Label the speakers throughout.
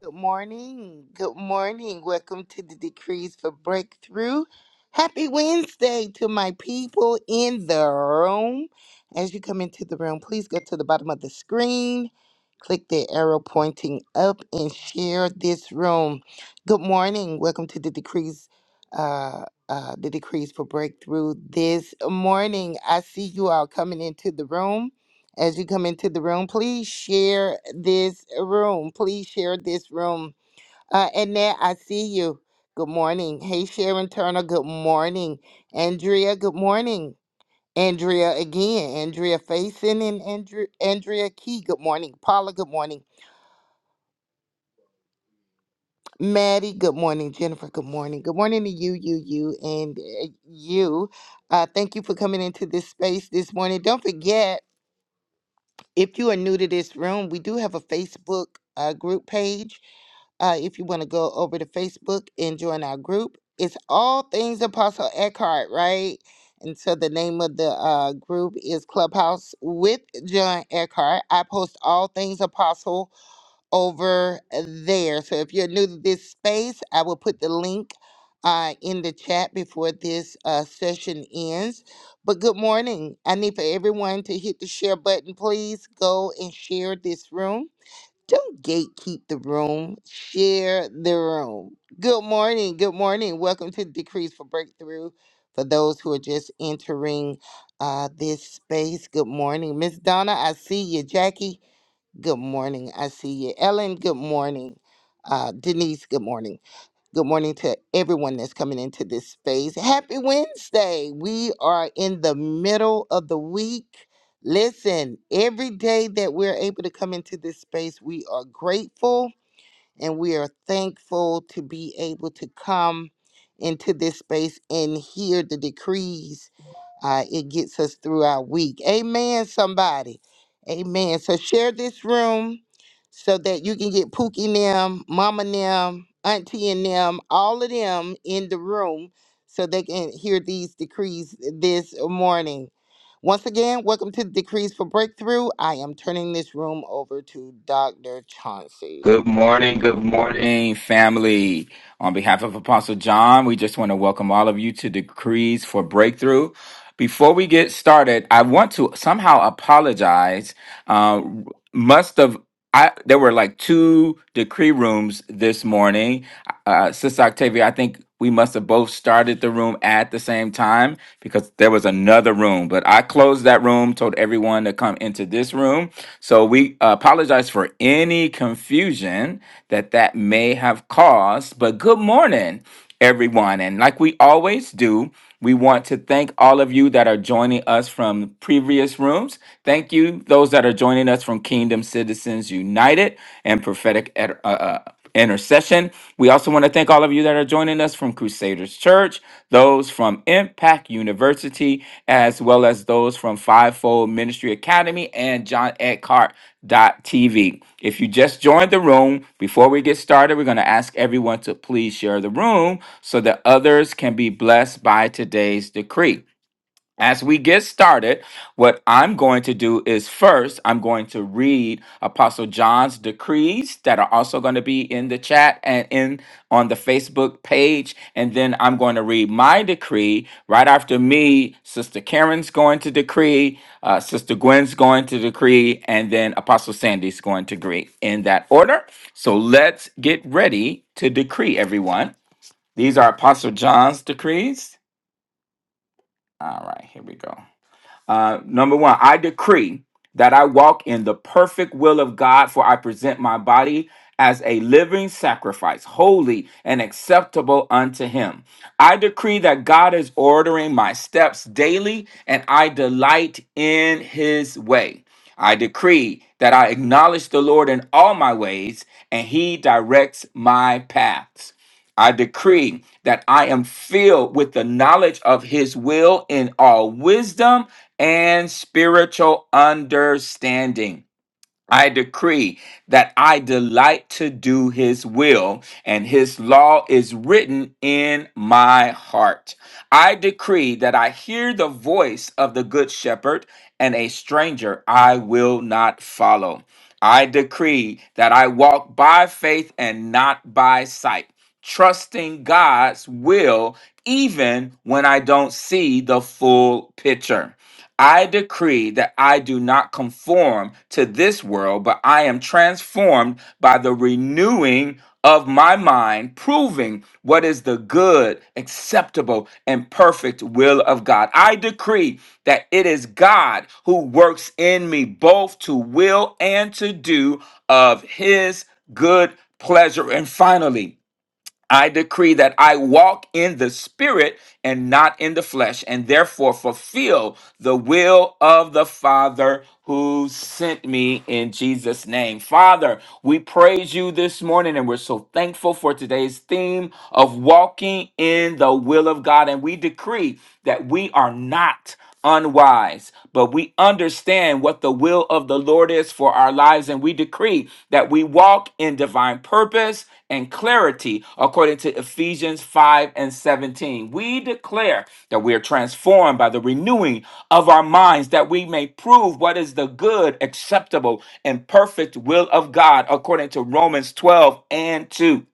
Speaker 1: Good morning. Good morning. Welcome to the Decrees for Breakthrough. Happy Wednesday to my people in the room. As you come into the room, please go to the bottom of the screen, click the arrow pointing up, and share this room. Good morning. Welcome to the Decrees. Uh, uh, the decrees for breakthrough this morning. I see you all coming into the room. As you come into the room, please share this room. Please share this room. Uh, Annette, I see you. Good morning. Hey, Sharon Turner, good morning. Andrea, good morning. Andrea again. Andrea Faison and Andrea, Andrea Key, good morning. Paula, good morning. Maddie, good morning. Jennifer, good morning. Good morning to you, you, you, and uh, you. Uh, thank you for coming into this space this morning. Don't forget, If you are new to this room, we do have a Facebook uh, group page. Uh, if you want to go over to Facebook and join our group, it's all things Apostle Eckhart, right? And so the name of the uh, group is Clubhouse with John Eckhart. I post all things Apostle over there. So if you're new to this space, I will put the link uh, in the chat before this uh, session ends. But good morning. I need for everyone to hit the share button. Please go and share this room. Don't gatekeep the room, share the room. Good morning. Good morning. Welcome to Decrees for Breakthrough. For those who are just entering uh, this space, good morning. Miss Donna, I see you. Jackie, Good morning. I see you. Ellen, good morning. Uh, Denise, good morning. Good morning to everyone that's coming into this space. Happy Wednesday. We are in the middle of the week. Listen, every day that we're able to come into this space, we are grateful and we are thankful to be able to come into this space and hear the decrees uh, it gets us through our week. Amen, somebody. Amen. So share this room so that you can get Pookie and them, Mama and them, Auntie and them, all of them in the room so they can hear these decrees this morning. Once again, welcome to Decrees for Breakthrough. I am turning this room over to Dr. Chauncey.
Speaker 2: Good morning, good morning, family. On behalf of Apostle John, we just want to welcome all of you to Decrees for Breakthrough. Before we get started, I want to somehow apologize. Uh, must have I there were like two decree rooms this morning. Uh, Sister Octavia, I think we must have both started the room at the same time because there was another room. But I closed that room, told everyone to come into this room. So we uh, apologize for any confusion that that may have caused. But good morning, everyone. And like we always do, we want to thank all of you that are joining us from previous rooms. Thank you, those that are joining us from Kingdom Citizens United and Prophetic Ed- uh, uh, Intercession. We also want to thank all of you that are joining us from Crusaders Church, those from Impacted. Black University, as well as those from Fivefold Ministry Academy and John Eckhart TV. If you just joined the room, before we get started, we're going to ask everyone to please share the room so that others can be blessed by today's decree. As we get started, what I'm going to do is first, I'm going to read Apostle John's decrees that are also going to be in the chat and in on the Facebook page. And then I'm going to read my decree. Right after me, Sister Karen's going to decree, uh, Sister Gwen's going to decree, and then Apostle Sandy's going to decree in that order. So let's get ready to decree, everyone. These are Apostle John's decrees. All right, here we go. Uh, number one, I decree that I walk in the perfect will of God, for I present my body as a living sacrifice, holy and acceptable unto Him. I decree that God is ordering my steps daily, and I delight in His way. I decree that I acknowledge the Lord in all my ways, and He directs my paths. I decree that I am filled with the knowledge of his will in all wisdom and spiritual understanding. I decree that I delight to do his will, and his law is written in my heart. I decree that I hear the voice of the good shepherd, and a stranger I will not follow. I decree that I walk by faith and not by sight, trusting God's will even when I don't see the full picture. I decree that I do not conform to this world, but I am transformed by the renewing of my mind, proving what is the good, acceptable, and perfect will of God. I decree that it is God who works in me both to will and to do of his good pleasure. And finally, I decree that I walk in the spirit and not in the flesh, and therefore fulfill the will of the Father who sent me in Jesus' name. Father, we praise you this morning, and we're so thankful for today's theme of walking in the will of God. And we decree that we are not unwise, but we understand what the will of the Lord is for our lives, and we decree that we walk in divine purpose and clarity according to Ephesians 5 and 17. We declare that we are transformed by the renewing of our minds, that we may prove what is the good, acceptable, and perfect will of God according to Romans 12 and 2.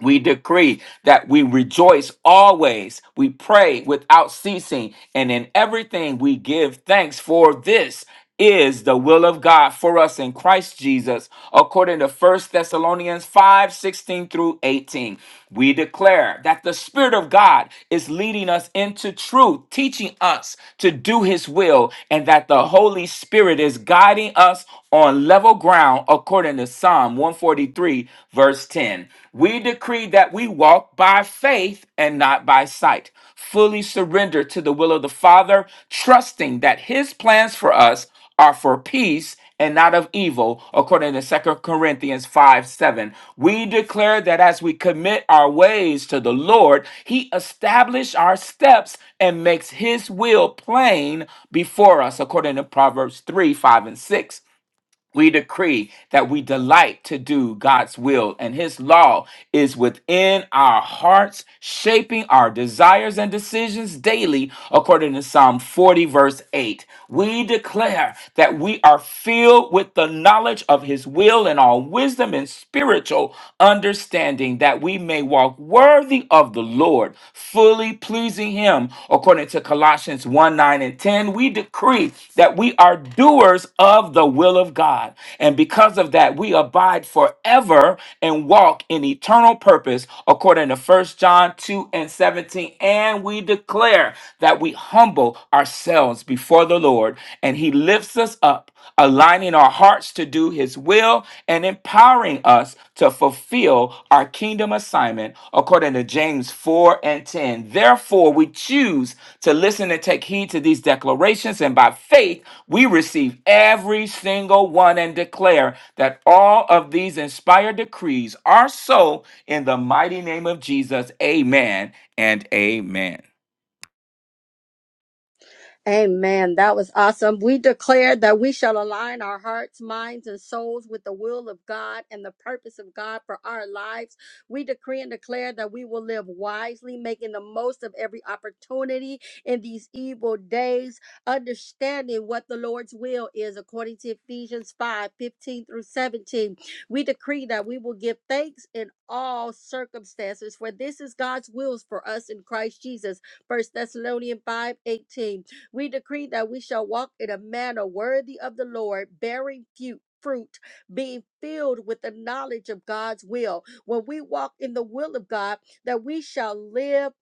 Speaker 2: We decree that we rejoice always. We pray without ceasing. And in everything we give thanks for this is the will of God for us in Christ Jesus, according to First Thessalonians 5 16 through 18. We declare that the Spirit of God is leading us into truth, teaching us to do His will, and that the Holy Spirit is guiding us on level ground according to Psalm 143, verse 10. We decree that we walk by faith and not by sight, fully surrendered to the will of the Father, trusting that His plans for us are for peace and not of evil, according to Second Corinthians 5 7. We declare that as we commit our ways to the Lord, He establishes our steps and makes His will plain before us, according to Proverbs 3 5 and 6 we decree that we delight to do God's will, and His law is within our hearts, shaping our desires and decisions daily, according to Psalm 40, verse 8. We declare that we are filled with the knowledge of His will and all wisdom and spiritual understanding, that we may walk worthy of the Lord, fully pleasing Him, according to Colossians 1 9 and 10. We decree that we are doers of the will of God. And because of that, we abide forever and walk in eternal purpose, according to First John 2 and 17. And we declare that we humble ourselves before the Lord, and He lifts us up, aligning our hearts to do His will and empowering us to fulfill our kingdom assignment, according to James 4 and 10. Therefore, we choose to listen and take heed to these declarations, and by faith, we receive every single one and declare that all of these inspired decrees are so in the mighty name of Jesus. Amen and amen.
Speaker 3: Amen. That was awesome. We declare that we shall align our hearts, minds, and souls with the will of God and the purpose of God for our lives. We decree and declare that we will live wisely, making the most of every opportunity in these evil days, understanding what the Lord's will is according to Ephesians 5 15 through 17. We decree that we will give thanks in all circumstances, for this is God's wills for us in Christ Jesus. First Thessalonians 5 18. We decree that we shall walk in a manner worthy of the Lord, bearing fu- fruit, being filled with the knowledge of God's will. When we walk in the will of God, that we shall live.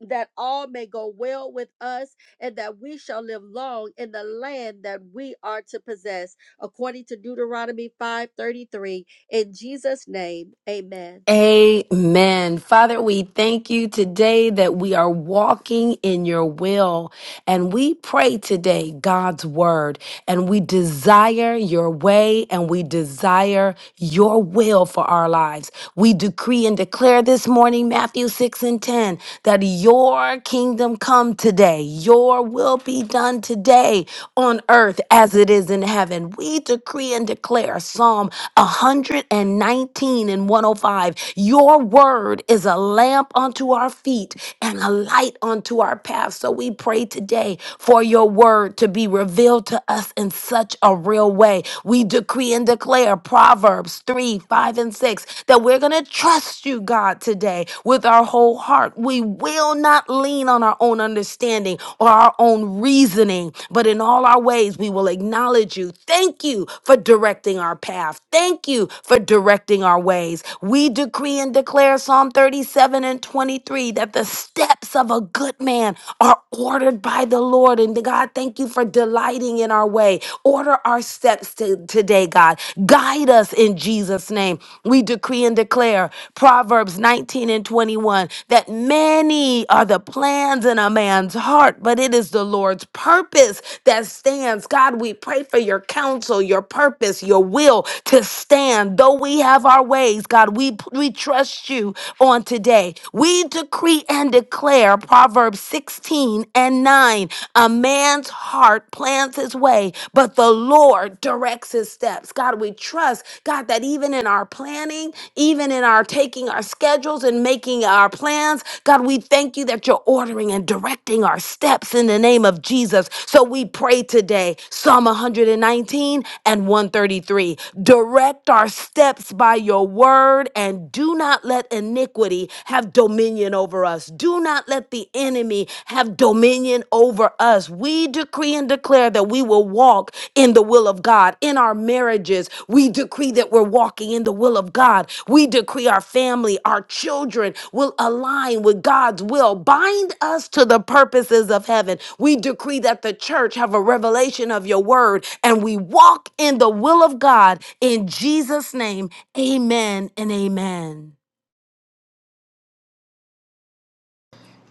Speaker 3: That all may go well with us, and that we shall live long in the land that we are to possess, according to Deuteronomy 5:33. In Jesus' name, amen.
Speaker 4: Amen. Father, we thank you today that we are walking in your will and we pray today God's word and we desire your way and we desire your will for our lives. We decree and declare this morning, Matthew 6 and 10, that your kingdom come today, your will be done today on earth as it is in heaven. We decree and declare Psalm 119 and 105 Your word is a lamp unto our feet and a light unto our path. So we pray today for your word word to be revealed to us in such a real way. We decree and declare Proverbs 3, 5, and 6 that we're going to trust you, God, today with our whole heart. We will not lean on our own understanding or our own reasoning, but in all our ways, we will acknowledge you. Thank you for directing our path. Thank you for directing our ways. We decree and declare Psalm 37 and 23 that the steps of a good man are ordered by the Lord. And God, thank you for delighting in our way. Order our steps to, today, God. Guide us in Jesus' name. We decree and declare Proverbs 19 and 21 that many are the plans in a man's heart, but it is the Lord's purpose that stands. God, we pray for your counsel, your purpose, your will to stand. Though we have our ways, God, we, we trust you on today. We decree and declare declare Proverbs 16 and 9 A man's heart plans his way, but the Lord directs his steps. God, we trust, God, that even in our planning, even in our taking our schedules and making our plans, God, we thank you that you're ordering and directing our steps in the name of Jesus. So we pray today, Psalm 119 and 133. Direct our steps by your word and do not let iniquity have dominion dominion over us. Do not let the enemy have dominion over us. We decree and declare that we will walk in the will of God in our marriages. We decree that we're walking in the will of God. We decree our family, our children will align with God's will. Bind us to the purposes of heaven. We decree that the church have a revelation of your word and we walk in the will of God in Jesus name. Amen and amen.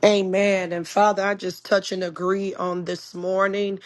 Speaker 5: Amen. And Father, I just touch and agree on this morning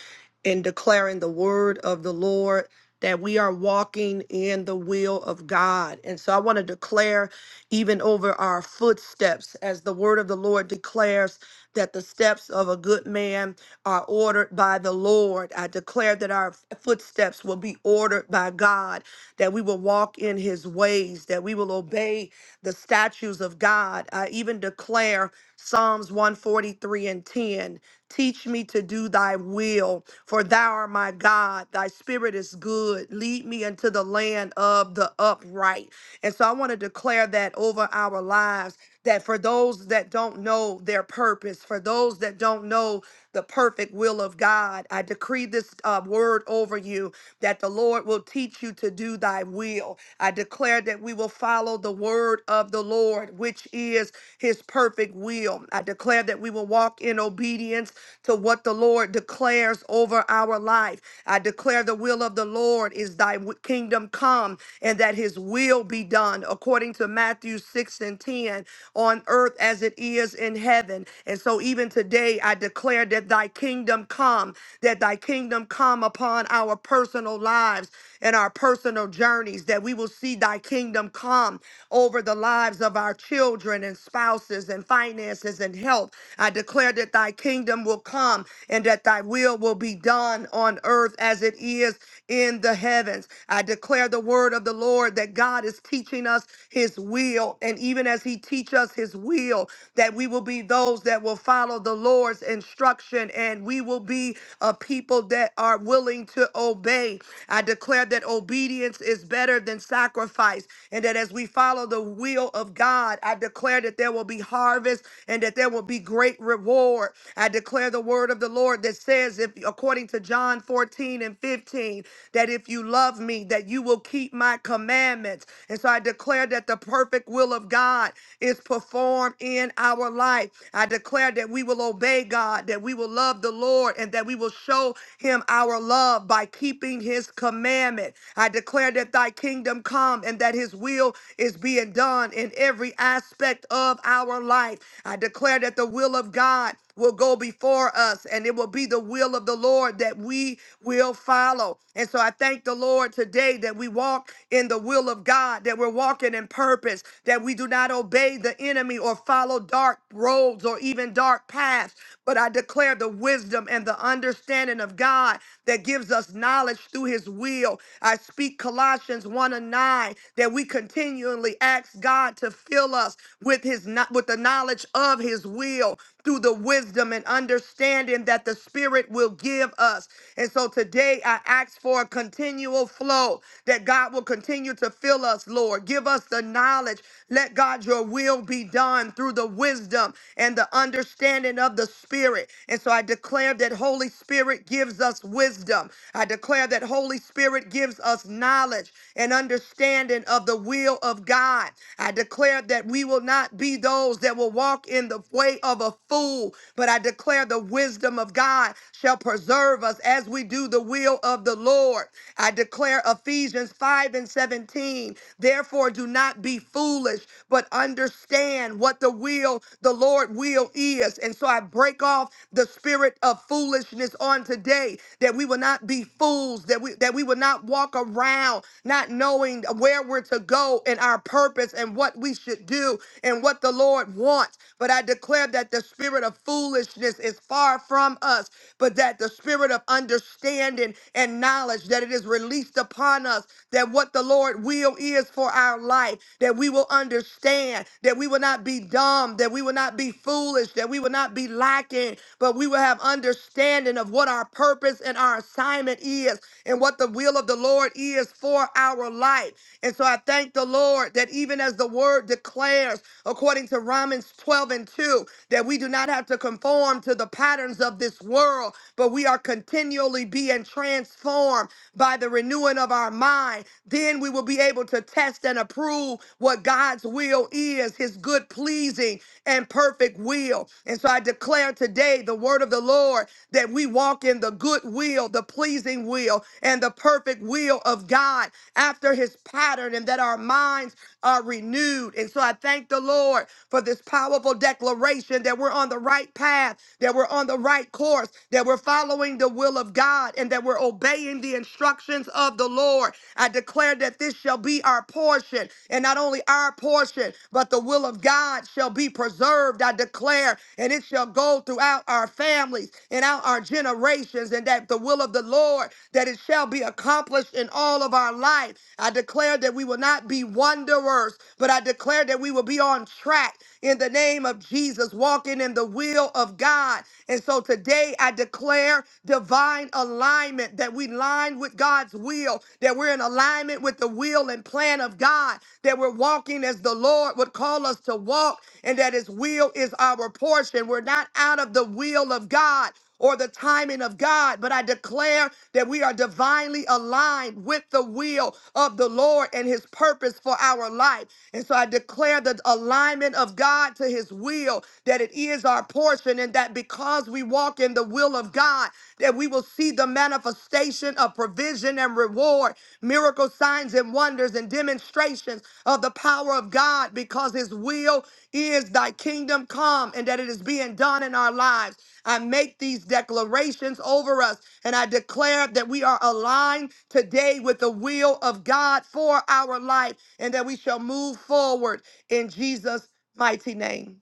Speaker 5: in declaring the word of the Lord that we are walking in the will of God. And so I want to declare even over our footsteps as the word of the Lord declares that the steps of a good man are ordered by the Lord. I declare that our footsteps will be ordered by God, that we will walk in his ways, that we will obey the statutes of God. I even declare Psalms 143 and 10. Teach me to do thy will, for thou art my God. Thy spirit is good. Lead me into the land of the upright. And so I want to declare that over our lives that for those that don't know their purpose, for those that don't know the perfect will of God, I decree this uh, word over you that the Lord will teach you to do thy will. I declare that we will follow the word of the Lord, which is his perfect will. I declare that we will walk in obedience to what the Lord declares over our life. I declare the will of the Lord is thy w- kingdom come and that his will be done according according to Matthew 6 and 10, on earth as it is in heaven. And so even today, I declare that thy kingdom come, that thy kingdom come upon our personal lives and our personal journeys, that we will see thy kingdom come over the lives of our children and spouses and finances and health. I declare that thy kingdom will come and that thy will will be done on earth as it is in the heavens. I declare the word of the Lord. Lord, that God is teaching us his will. And even as he teach us his will, that we will be those that will follow the Lord's instruction and we will be a people that are willing to obey. I declare that obedience is better than sacrifice and that as we follow the will of God, I declare that there will be harvest and that there will be great reward. I declare the word of the Lord that says if according to John 14 and 15 that if you you love me, that you will keep my commandments. And so I declare that the perfect will of God is performed in our life. I declare that we will obey God, that we will love the Lord, and that we will show him our love by keeping his commandment. I declare that thy kingdom come and that his will is being done in every aspect of our life. I declare that the will of God will go before us, and it will be the will of the Lord that we will follow. And so I thank the Lord today that we walk in the will of God, that we're walking in purpose, that we do not obey the enemy or follow dark roads or even dark paths. But I declare the wisdom and the understanding of God that gives us knowledge through his will. I speak Colossians 1 and 9 that we continually ask God to fill us with his kno- with the knowledge of his will through the wisdom and understanding that the Spirit will give us. And so today I ask for a continual flow that God will continue to fill us, Lord. Give us the knowledge. Let God your will be done through the wisdom and the understanding of the Spirit. And so I declare that Holy Spirit gives us wisdom. I declare that Holy Spirit gives us knowledge and understanding of the will of God. I declare that we will not be those that will will walk in the way of a fool, but I declare the wisdom of God shall preserve us as we do the will of the Lord. I declare Ephesians 5 and 17. Therefore, do not be foolish, but understand what the will, the Lord will is. And so I break off the spirit of foolishness on today that we will not be fools, that we that we will not walk around not knowing where we're to go and our purpose and what we should do do and what the Lord wants. But I declare that the spirit of foolishness is far from us, but that the spirit of understanding and knowledge that it is released upon us, that what the Lord will is for our life, that we will understand, that we will not be dumb, that we will not be foolish, that we will not be lacking, but we will have understanding of what our purpose and our assignment is and what the will of the Lord is for our life. And so I thank the Lord that that even as the word declares, according to Romans 12 and 2, that we do not have to conform to the patterns of this world, but we are continually being transformed by the renewing of our mind. Then we will be able to test and approve what God's will is, his good, pleasing, and perfect will. And so I declare today the word of the Lord that we walk in the good will, the pleasing will, and the perfect will of God after his pattern and that our minds are renewed. And so I thank the Lord for this powerful declaration that we're on the right path, that we're on the right course, that we're following the will of God, and that we're obeying the instructions of the Lord. I declare that this shall be our portion, and not only our portion, but the will of God shall be preserved. I declare, and it shall go throughout our families and out our generations, and that the will of the Lord, that it shall be accomplished in all all of our life. I declare that we will not be wanderers, but I declare that we will be on track in the name of Jesus, walking in the will of God. And so today I declare divine alignment that we line with God's will, that we're in alignment with the will and plan of God, that we're walking as the Lord would call us to walk, and that His will is our portion. We're not out of the will of God or the timing of God, but I declare that we are divinely aligned with the will of the Lord and his purpose for our life. And so I declare the alignment of God to his will, that it is our portion, and that because we walk in the will of God, that we will see the manifestation of provision and reward, miracle signs and wonders and demonstrations of the power of God because his will is thy kingdom come and that it is being done in our lives. I make these declarations over us and I declare that we are aligned today with the will of God for our life and that we shall move forward in Jesus' mighty name.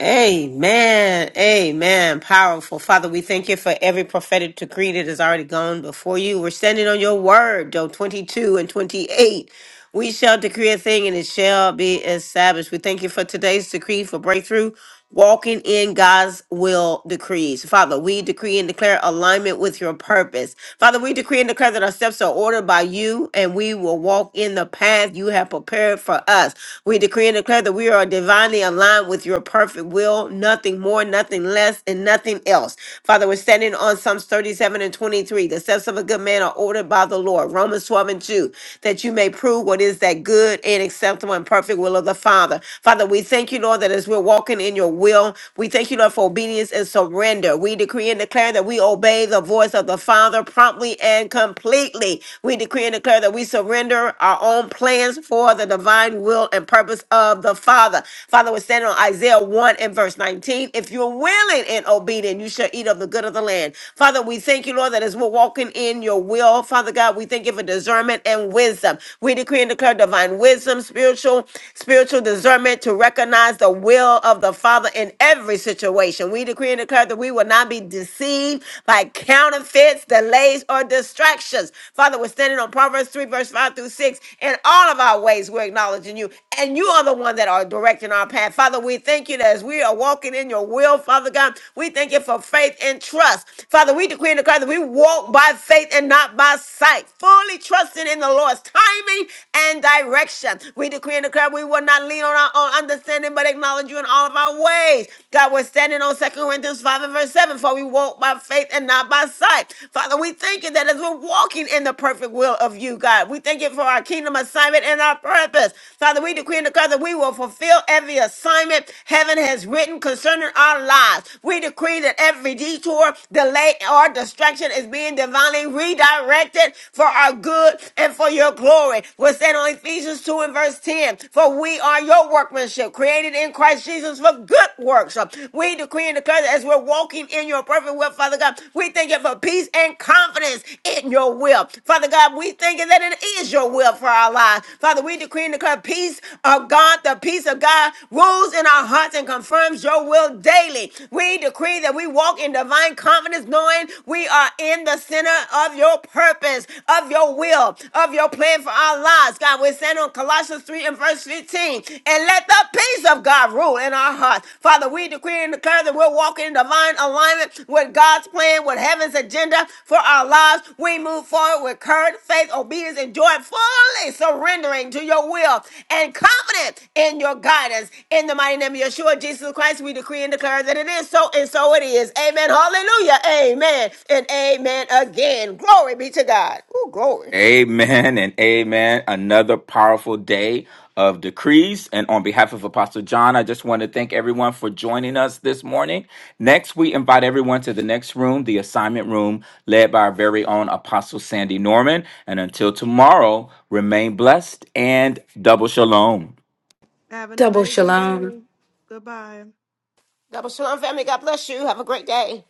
Speaker 6: Amen. Amen. Powerful. Father, we thank you for every prophetic decree that has already gone before you. We're standing on your word, Joe 22 and 28. We shall decree a thing and it shall be established. We thank you for today's decree for breakthrough walking in God's will decrees. Father, we decree and declare alignment with your purpose. Father, we decree and declare that our steps are ordered by you and we will walk in the path you have prepared for us. We decree and declare that we are divinely aligned with your perfect will, nothing more, nothing less, and nothing else. Father, we're standing on Psalms 37 and 23. The steps of a good man are ordered by the Lord. Romans 12 and 2. That you may prove what is that good and acceptable and perfect will of the Father. Father, we thank you Lord, that as we're walking in your will, we thank you, Lord, for obedience and surrender. We decree and declare that we obey the voice of the Father promptly and completely. We decree and declare that we surrender our own plans for the divine will and purpose of the Father. Father, we're standing on Isaiah 1 and verse 19. If you're willing and obedient, you shall eat of the good of the land. Father, we thank you, Lord, that as we're walking in your will, Father God, we thank you for discernment and wisdom. We decree and declare divine wisdom, spiritual, spiritual discernment discernment to recognize the will of the Father in every situation. We decree and declare that we will not be deceived by counterfeits, delays, or distractions. Father, we're standing on Proverbs 3, verse 5 through 6. In all of our ways, we're acknowledging you, and you are the one that are directing our path. Father, we thank you that as we are walking in your will, Father God, we thank you for faith and trust. Father, we decree and declare that we walk by faith and not by sight, fully trusting in the Lord's timing and direction. We decree here in the crowd. We will not lean on our own understanding, but acknowledge you in all of our ways. God, we're standing on Second Corinthians 5 and verse 7, for we walk by faith and not by sight. Father, we thank you that as we're walking in the perfect will of you, God, we thank you for our kingdom assignment and our purpose. Father, we decree and declare that we will fulfill every assignment heaven has written concerning our lives. We decree that every detour, delay, or distraction is being divinely redirected for our good and for your glory. We're standing on Ephesians. Ephesians 2 and verse 10. For we are your workmanship, created in Christ Jesus for good works. We decree and declare that as we're walking in your perfect will, Father God, we thank you for peace and confidence in your will. Father God, we thank you that it is your will for our lives. Father, we decree and declare peace of God, the peace of God rules in our hearts and confirms your will daily. We decree that we walk in divine confidence, knowing we are in the center of your purpose, of your will, of your plan plan for our lives. God, we stand on Colossians 3 and verse 15. And let the peace of God rule in our hearts. Father, we decree and declare that we're walking in divine alignment with God's plan, with heaven's agenda for our lives. We move forward with courage, faith, obedience, and joy, fully surrendering to your will and confident in your guidance. In the mighty name of Yeshua, Jesus Christ, we decree and declare that it is so, and so it is. Amen. Hallelujah. Amen. And amen again. Glory be to God. Oh, glory.
Speaker 2: Amen and amen. Another powerful day of decrees. And on behalf of Apostle John, I just want to thank everyone for joining us this morning. Next, we invite everyone to the next room, the assignment room, led by our very own Apostle Sandy Norman. And until tomorrow, remain blessed and double shalom.
Speaker 5: Have an
Speaker 4: Double
Speaker 5: amazing
Speaker 4: shalom.
Speaker 5: day. Goodbye.
Speaker 6: Double Shalom family. God bless you. Have a great day.